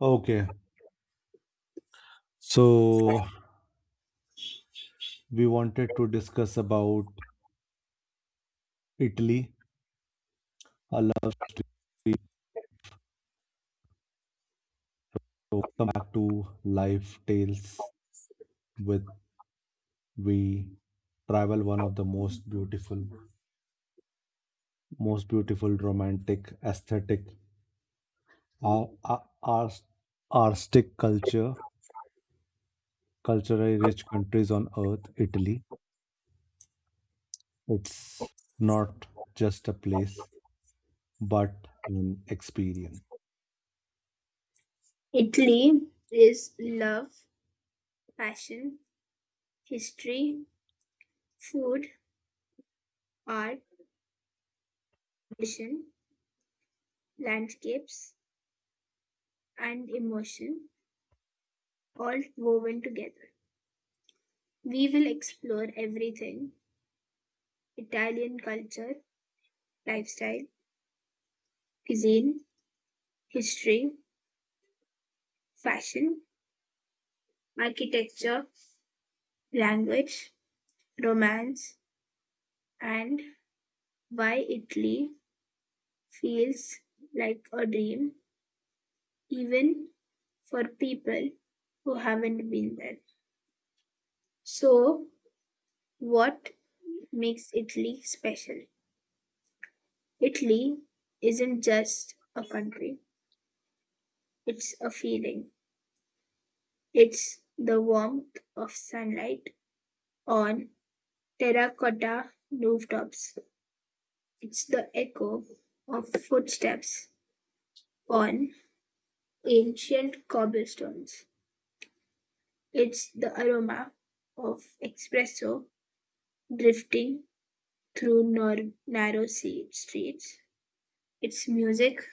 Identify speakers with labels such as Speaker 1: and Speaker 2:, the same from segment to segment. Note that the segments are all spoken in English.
Speaker 1: Okay, so we wanted to discuss about Italy. Allow me to come back to life tales with we travel one of the most beautiful romantic aesthetic, ar- ar- ars- artistic culture, culturally rich countries on earth. Italy. It's not just a place, but an experience.
Speaker 2: Italy is love, passion, history, food, art, tradition, landscapes, and emotion all woven together. We will explore everything Italian culture, lifestyle, cuisine, history, fashion, architecture, language, romance, and why Italy feels like a dream even for people who haven't been there. So, what makes Italy special? Italy isn't just a country, it's a feeling. It's the warmth of sunlight on terracotta rooftops, it's the echo of footsteps on ancient cobblestones, it's the aroma of espresso drifting through narrow streets. It's music,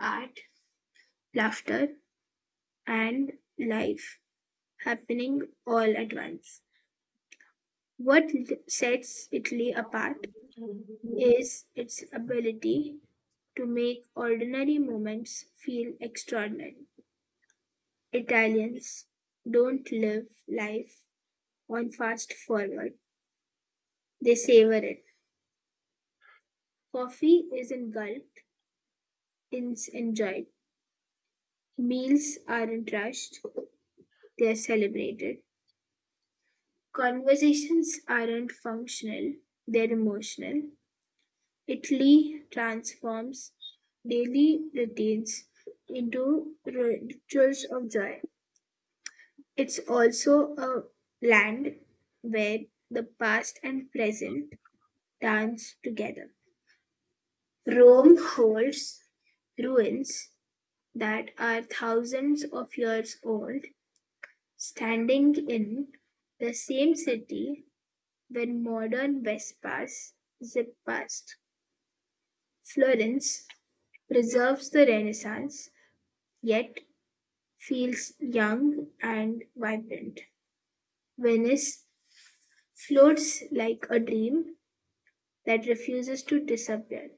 Speaker 2: art, laughter, and life happening all at once. What sets Italy apart is its ability to make ordinary moments feel extraordinary. Italians don't live life on fast forward, they savor it. Coffee isn't gulped, it's enjoyed. Meals aren't rushed, they're celebrated. Conversations aren't functional, they're emotional. Italy transforms daily routines into rituals of joy. It's also a land where the past and present dance together. Rome holds ruins that are thousands of years old, standing in the same city when modern Vespas zip past. Florence preserves the Renaissance, yet feels young and vibrant. Venice floats like a dream that refuses to disappear.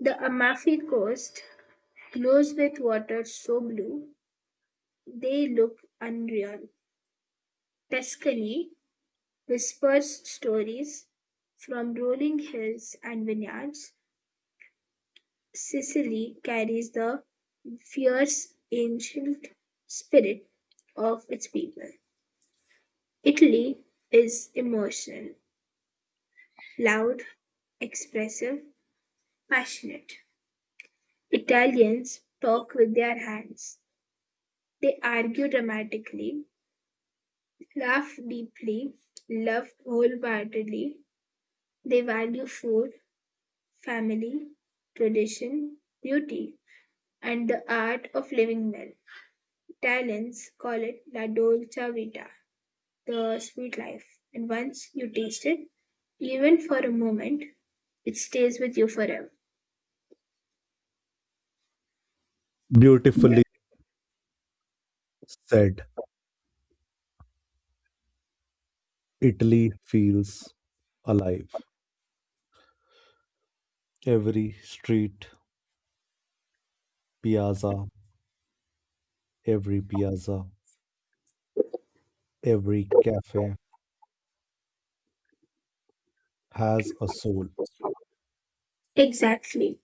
Speaker 2: The Amalfi Coast glows with water so blue they look unreal. Tuscany whispers stories from rolling hills and vineyards. Sicily carries the fierce ancient spirit of its people. Italy is emotional, loud, expressive, passionate. Italians talk with their hands. They argue dramatically, laugh deeply, love wholeheartedly. They value food, family, tradition, beauty, and the art of living well. Italians call it la dolce vita, the sweet life. And once you taste it, even for a moment, it stays with you forever.
Speaker 1: Beautifully said. Italy feels alive. Every street, piazza, every piazza, every cafe has a soul.
Speaker 2: Exactly.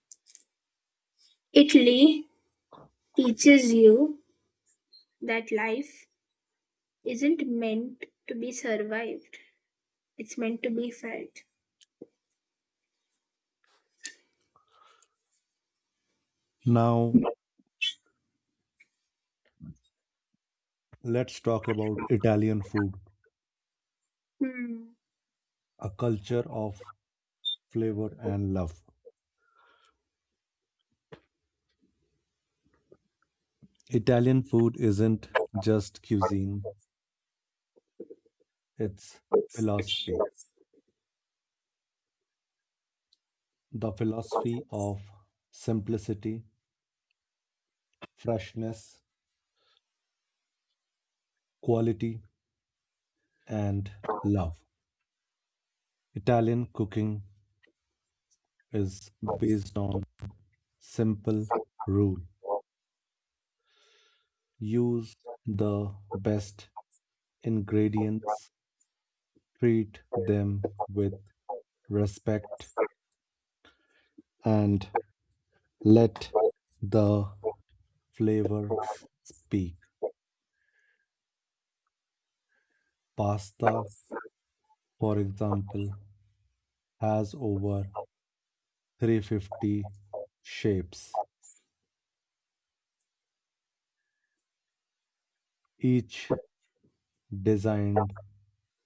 Speaker 2: Italy teaches you that life isn't meant to be survived, it's meant to be felt.
Speaker 1: Now, let's talk about Italian food,
Speaker 2: Hmm.
Speaker 1: a culture of flavor and love. Italian food isn't just cuisine, it's philosophy. The philosophy of simplicity, freshness, quality, and love. Italian cooking is based on simple rule. Use the best ingredients, treat them with respect, and let the flavor speak. Pasta, for example, has over 350 shapes, each designed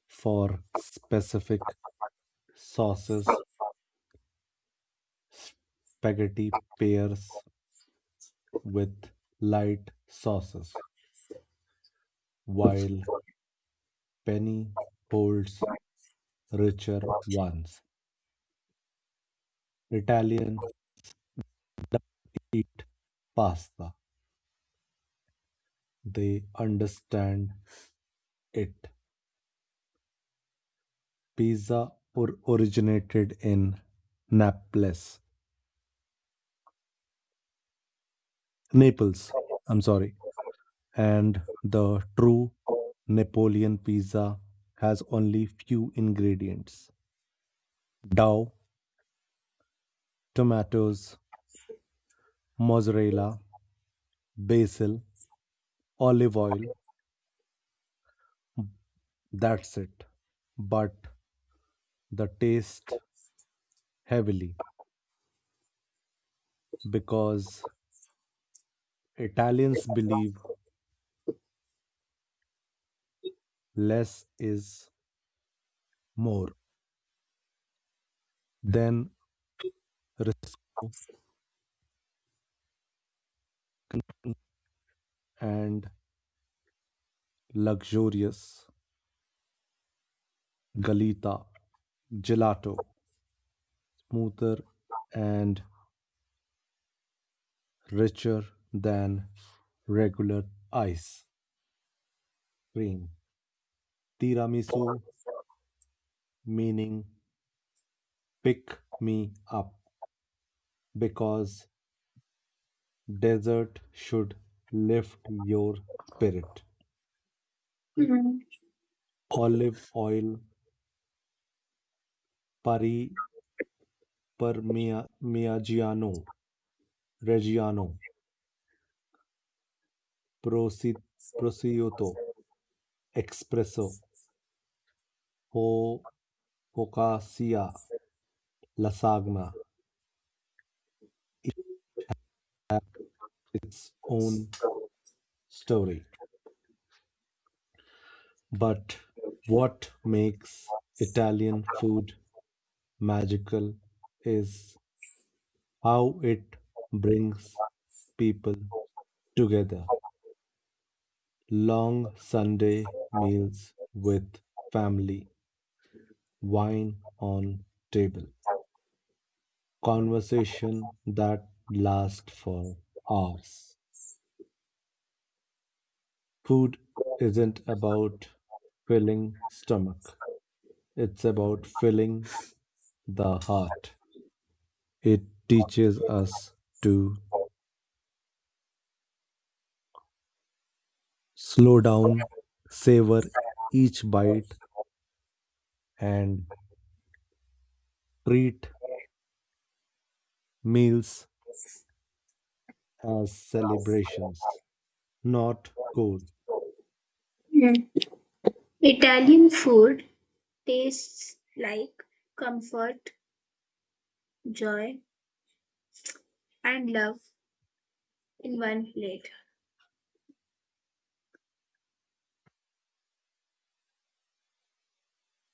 Speaker 1: for specific sauces. Spaghetti pairs with light sauces, while penny holds richer ones. Italians don't eat pasta, they understand it. Pizza or originated in Naples, Naples, I'm sorry, and the true Napoleon pizza has only few ingredients: dough, tomatoes, mozzarella, basil, olive oil. That's it. But the taste heavily because Italians believe less is more than risco and luxurious galita, gelato, smoother and richer than regular ice cream. Tiramisu meaning pick me up because dessert should lift your spirit.
Speaker 2: Hmm.
Speaker 1: Olive oil, pari Miggiano, Reggiano, Prosi- Prosciutto, Espresso, Ho- Focaccia, Lasagna. Its own story. But what makes Italian food magical is how it brings people together. Long Sunday meals with family, wine on table conversation that lasts for hours. Food isn't about filling stomach. It's about filling the heart. It teaches us to slow down, savor each bite, and treat meals as celebrations, not chores.
Speaker 2: Hmm. Italian food tastes like comfort, joy, and love in one plate.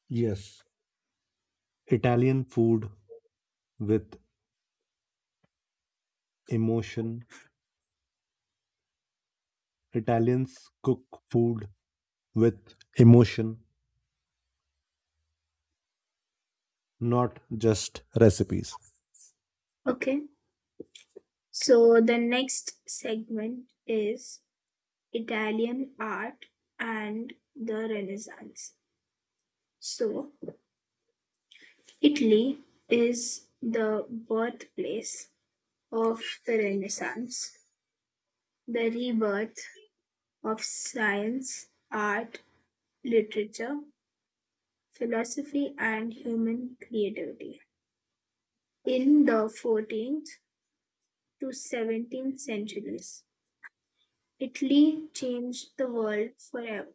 Speaker 1: Yes, Italian food with emotion. Italians cook food with emotion, not just recipes.
Speaker 2: Okay, so the next segment is Italian art and the Renaissance. So, Italy is the birthplace of the Renaissance, the rebirth of science, art, literature, philosophy, and human creativity. In the 14th to 17th centuries, Italy changed the world forever.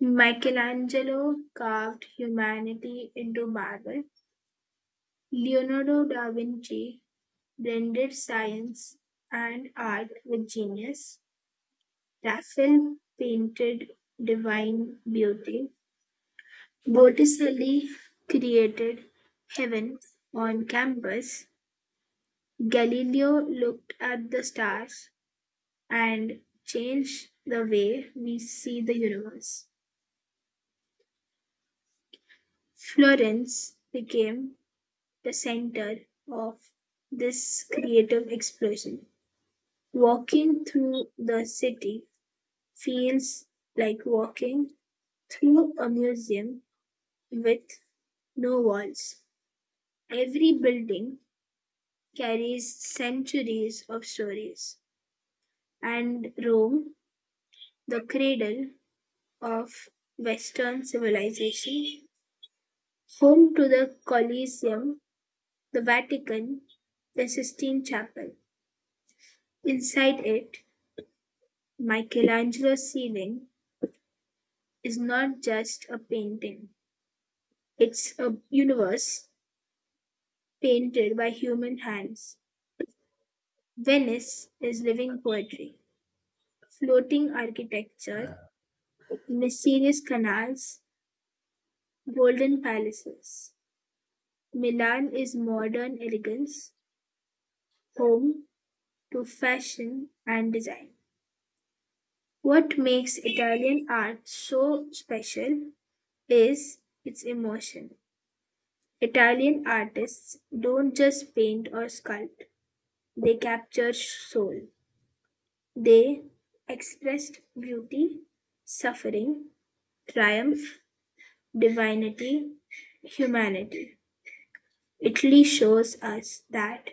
Speaker 2: Michelangelo carved humanity into marble. Leonardo da Vinci blended science and art with genius. Raphael painted divine beauty. Botticelli created heaven on canvas. Galileo looked at the stars and changed the way we see the universe. Florence became the center of this creative explosion. Walking through the city feels like walking through a museum with no walls. Every building carries centuries of stories. And Rome, the cradle of Western civilization, home to the Colosseum, the Vatican, the Sistine Chapel. Inside it, Michelangelo's ceiling is not just a painting, it's a universe painted by human hands. Venice is living poetry, floating architecture, mysterious canals, golden palaces. Milan is modern elegance, home to fashion and design. What makes Italian art so special is its emotion. Italian artists don't just paint or sculpt, they capture soul. They expressed beauty, suffering, triumph, divinity, humanity. Italy shows us that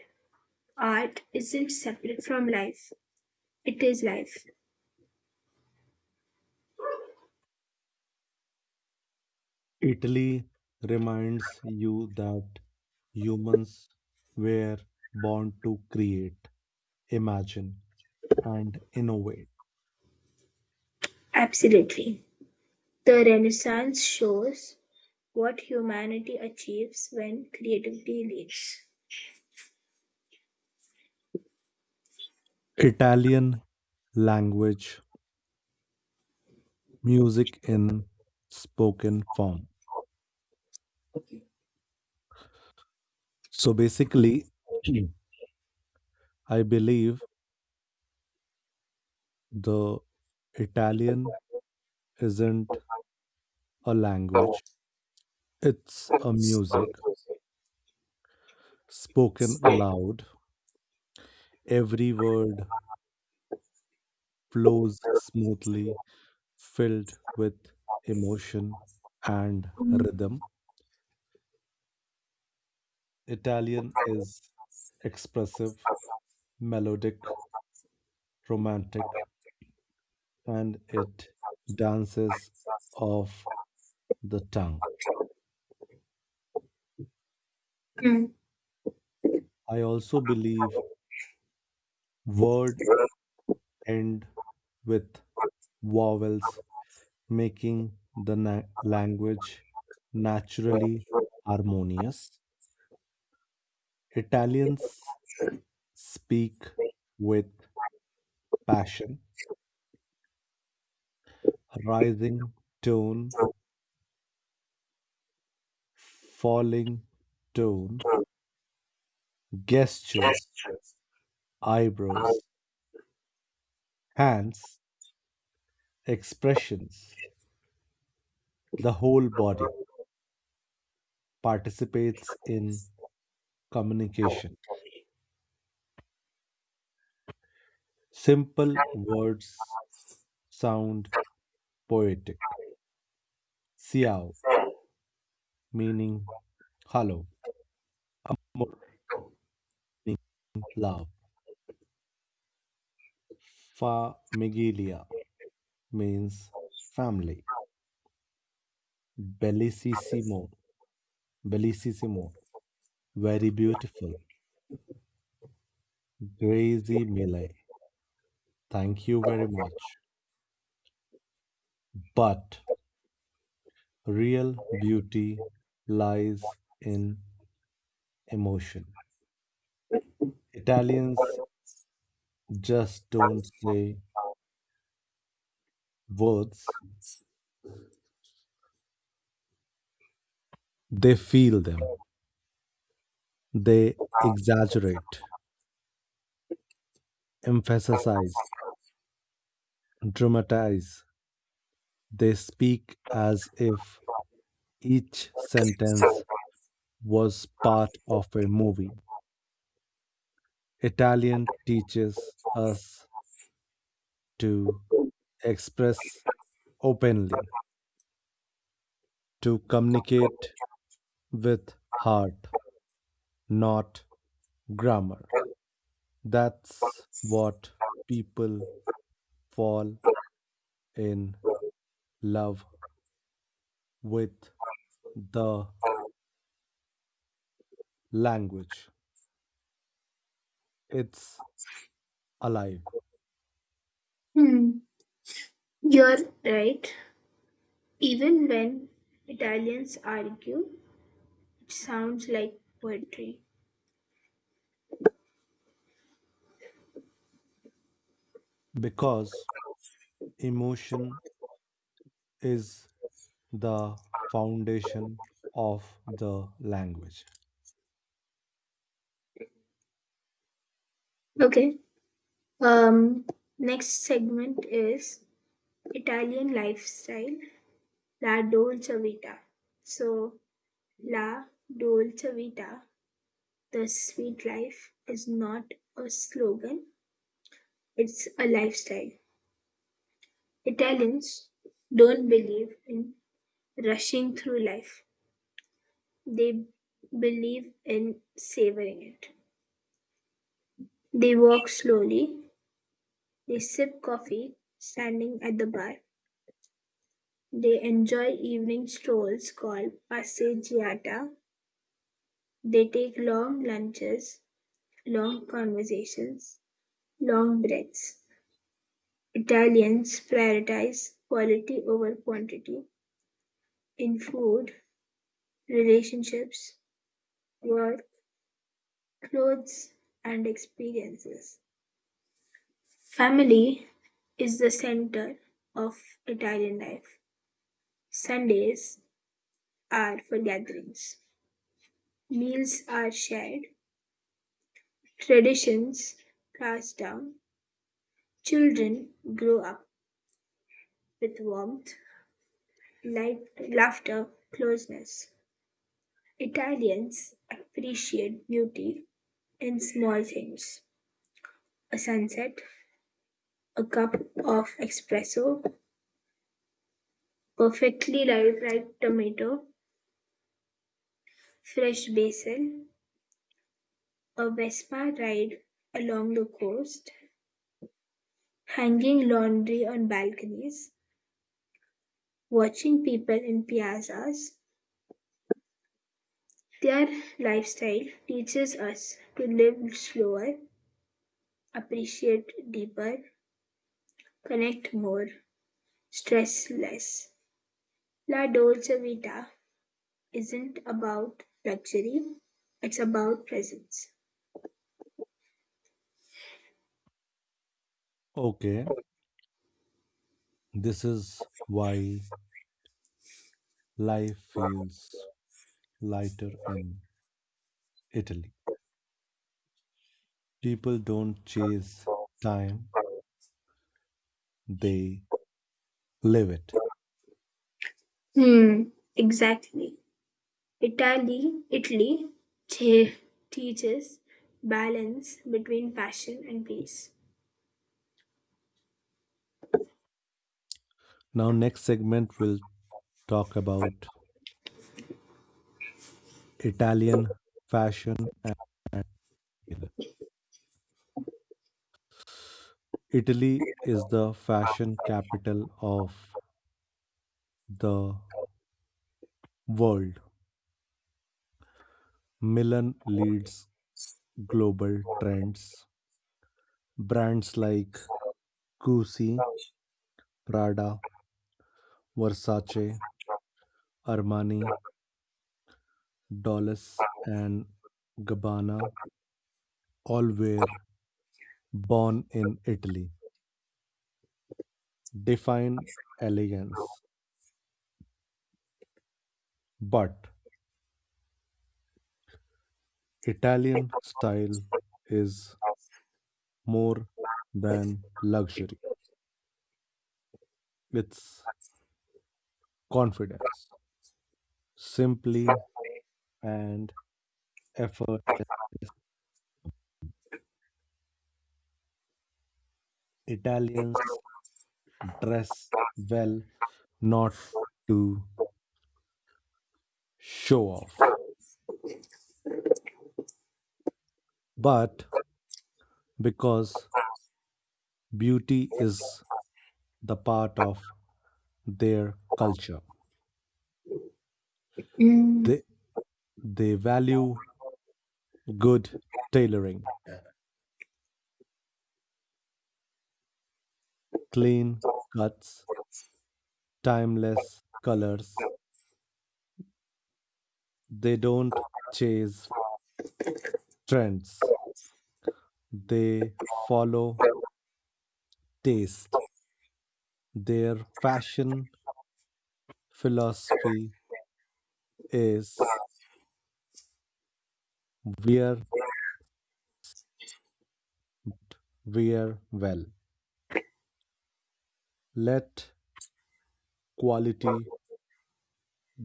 Speaker 2: art isn't separate from life, it is life.
Speaker 1: Italy reminds you that humans were born to create, imagine, and innovate.
Speaker 2: Absolutely. The Renaissance shows what humanity achieves when creativity leads.
Speaker 1: Italian language, music in spoken form. So basically, Mm. I believe the Italian isn't a language, it's a music spoken aloud. Every word, flows smoothly, filled with emotion and
Speaker 2: Hmm.
Speaker 1: rhythm. Italian is expressive, melodic, romantic, and it dances off the tongue. I also believe word end with vowels, making the language naturally harmonious. Italians speak with passion rising tone, falling tone, gestures, eyebrows, hands, expressions, the whole body participates in communication. Simple words sound poetic. Xiao meaning hello, Mor meaning love, Famigilia means family, Bellissimo, Bellissimo, very beautiful, Grazy Mile, thank you very much. But real beauty lies in emotion. Italians just don't say words, they feel them. They exaggerate, emphasize, dramatize. They speak as if each sentence was part of a movie. Italian teaches us to express openly to communicate with heart, not grammar. That's what people fall in love with the language. It's alive
Speaker 2: Hmm. You're right. Even when Italians argue, it sounds like poetry.
Speaker 1: because emotion is the foundation of the language.
Speaker 2: Okay. Um, Next segment is Italian lifestyle, la dolce vita. So, la dolce vita, the sweet life, is not a slogan, it's a lifestyle. Italians don't believe in rushing through life, they believe in savoring it. They walk slowly, they sip coffee standing at the bar, they enjoy evening strolls called passeggiata. They take long lunches, long conversations, long breaths. Italians prioritize quality over quantity in food, relationships, work, clothes, and experiences. Family is the center of Italian life. Sundays are for gatherings. Meals are shared. Traditions passed down, children grow up with warmth, light, laughter, closeness. Italians appreciate beauty in small things: a sunset, a cup of espresso, perfectly ripe like tomato, fresh basil, a Vespa ride along the coast, hanging laundry on balconies, watching people in piazzas. Their lifestyle teaches us to live slower, appreciate deeper, connect more, stress less. La Dolce Vita isn't about luxury, it's about presence.
Speaker 1: Okay, this is why life feels lighter in Italy. People don't chase time, they live it.
Speaker 2: Hmm, exactly. Italy, Italy te- teaches balance between passion and peace.
Speaker 1: Now, next segment, we'll talk about Italian fashion. Italy is the fashion capital of the world. Milan leads global trends. Brands like Gucci, Prada, Versace, Armani, Dolce and Gabbana all were born in Italy. Define elegance. But Italian style is more than luxury, it's confidence. Simply and effortless. Italians dress well not to show off, but because beauty is the part of their culture.
Speaker 2: Mm,
Speaker 1: They, they value good tailoring, clean cuts, timeless colors. They don't chase trends, they follow taste. Their fashion philosophy is wear, wear well. Let quality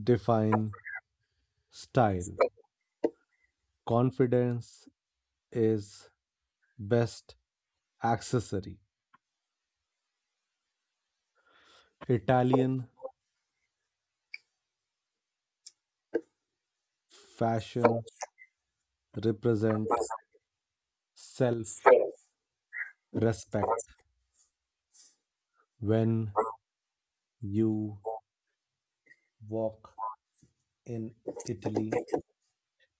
Speaker 1: define style. Confidence is best accessory. Italian fashion represent self respect. When you walk in Italy,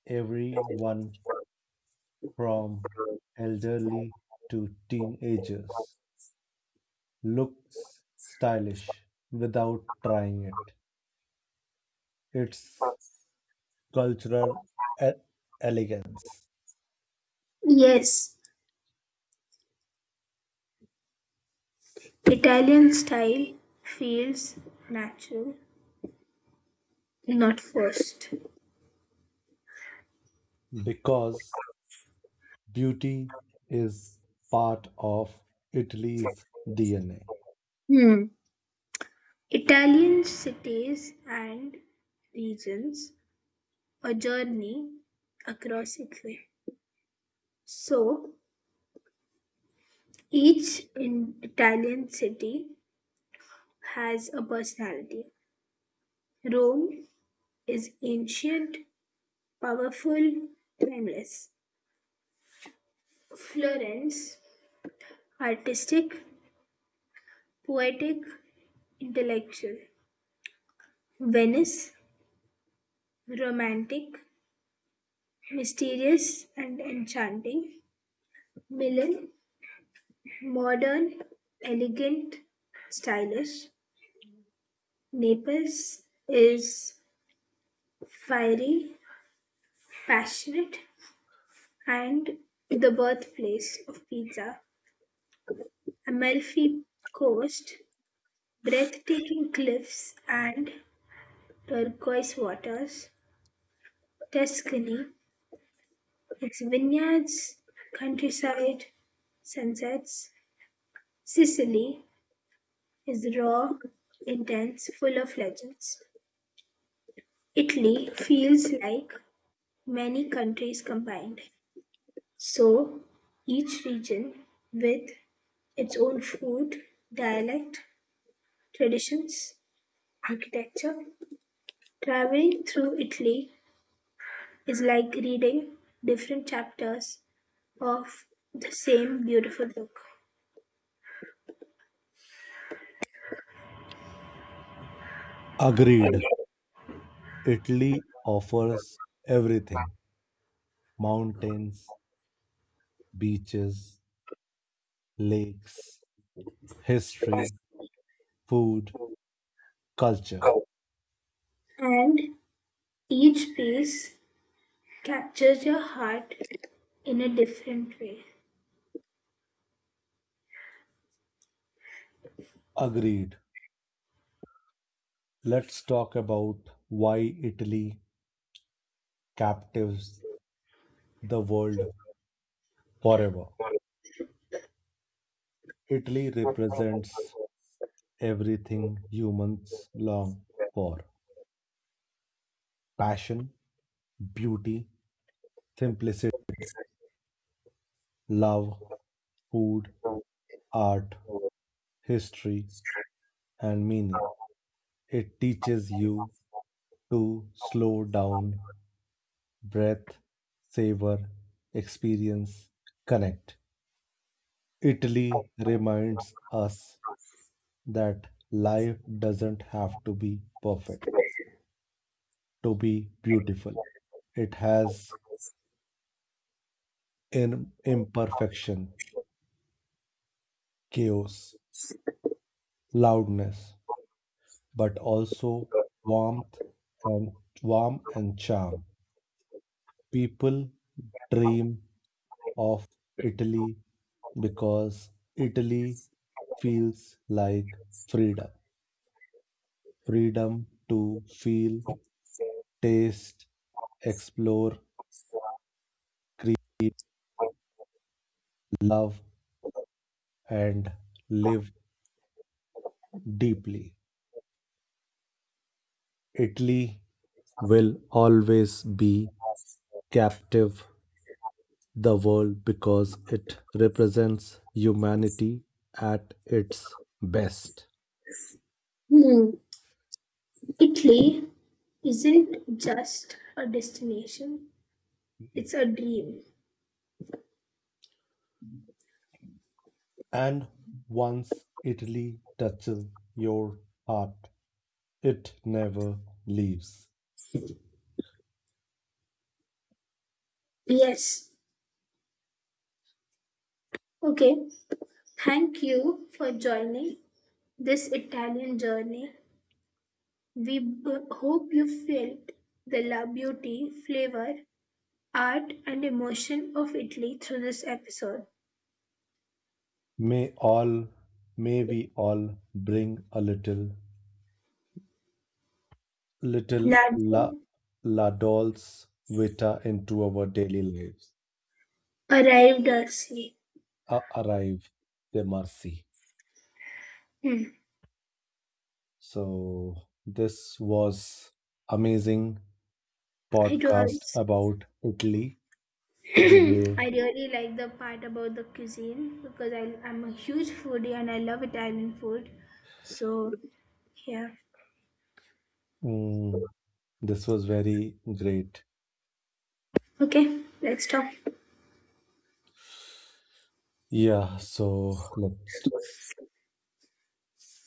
Speaker 1: everyone from elderly to teenagers looks stylish without trying it. It's cultural e- elegance
Speaker 2: yes, Italian style feels natural, not forced.
Speaker 1: because beauty is part of Italy's DNA.
Speaker 2: Hmm. Italian cities and regions, a journey across Italy. So each in Italian city has a personality. Rome is ancient, powerful, timeless. Florence, artistic, poetic, intellectual. Venice, romantic, mysterious, and enchanting. Milan, modern, elegant, stylish. Naples is fiery, passionate, and the birthplace of pizza. Amalfi Coast, breathtaking cliffs and turquoise waters. Tuscany, its vineyards, countryside, sunsets. Sicily is raw, intense, full of legends. Italy feels like many countries combined, so each region with its own food, dialect, traditions, architecture. Traveling through Italy is like reading different chapters of the same beautiful book,
Speaker 1: Agreed. Italy offers everything mountains, beaches, lakes, history, food, culture.
Speaker 2: and each piece captures your heart in a different way.
Speaker 1: Agreed. Let's talk about why Italy captives the world forever. Italy represents everything humans long for passion, beauty, simplicity, love, food, art, history, and meaning. It teaches you to slow down, breath, savor, experience, connect. Italy reminds us that life doesn't have to be perfect to be beautiful. It has in imperfection, chaos, loudness, but also warmth and warm and charm. People dream of Italy because Italy feels like freedom. Freedom to feel, taste, explore, create, love and live deeply. Italy will always be captive the world because it represents humanity at its best.
Speaker 2: Hmm. Italy isn't just a destination, it's a dream.
Speaker 1: And once Italy touches your heart, it never leaves.
Speaker 2: Yes, okay. Thank you for joining this Italian journey. We hope you felt the la beauty, flavor, art, and emotion of Italy through this episode.
Speaker 1: May all, may we all bring a little, little
Speaker 2: Latte
Speaker 1: la, la dolce vita into our daily lives.
Speaker 2: arrived early.
Speaker 1: Arrive the mercy.
Speaker 2: Hmm.
Speaker 1: So this was amazing
Speaker 2: It
Speaker 1: podcast
Speaker 2: was.
Speaker 1: about Italy. The way
Speaker 2: I really like the part about the cuisine because I'm a huge foodie and I love Italian food. So, yeah.
Speaker 1: mm, this was very great.
Speaker 2: Okay, let's talk.
Speaker 1: Yeah. So let's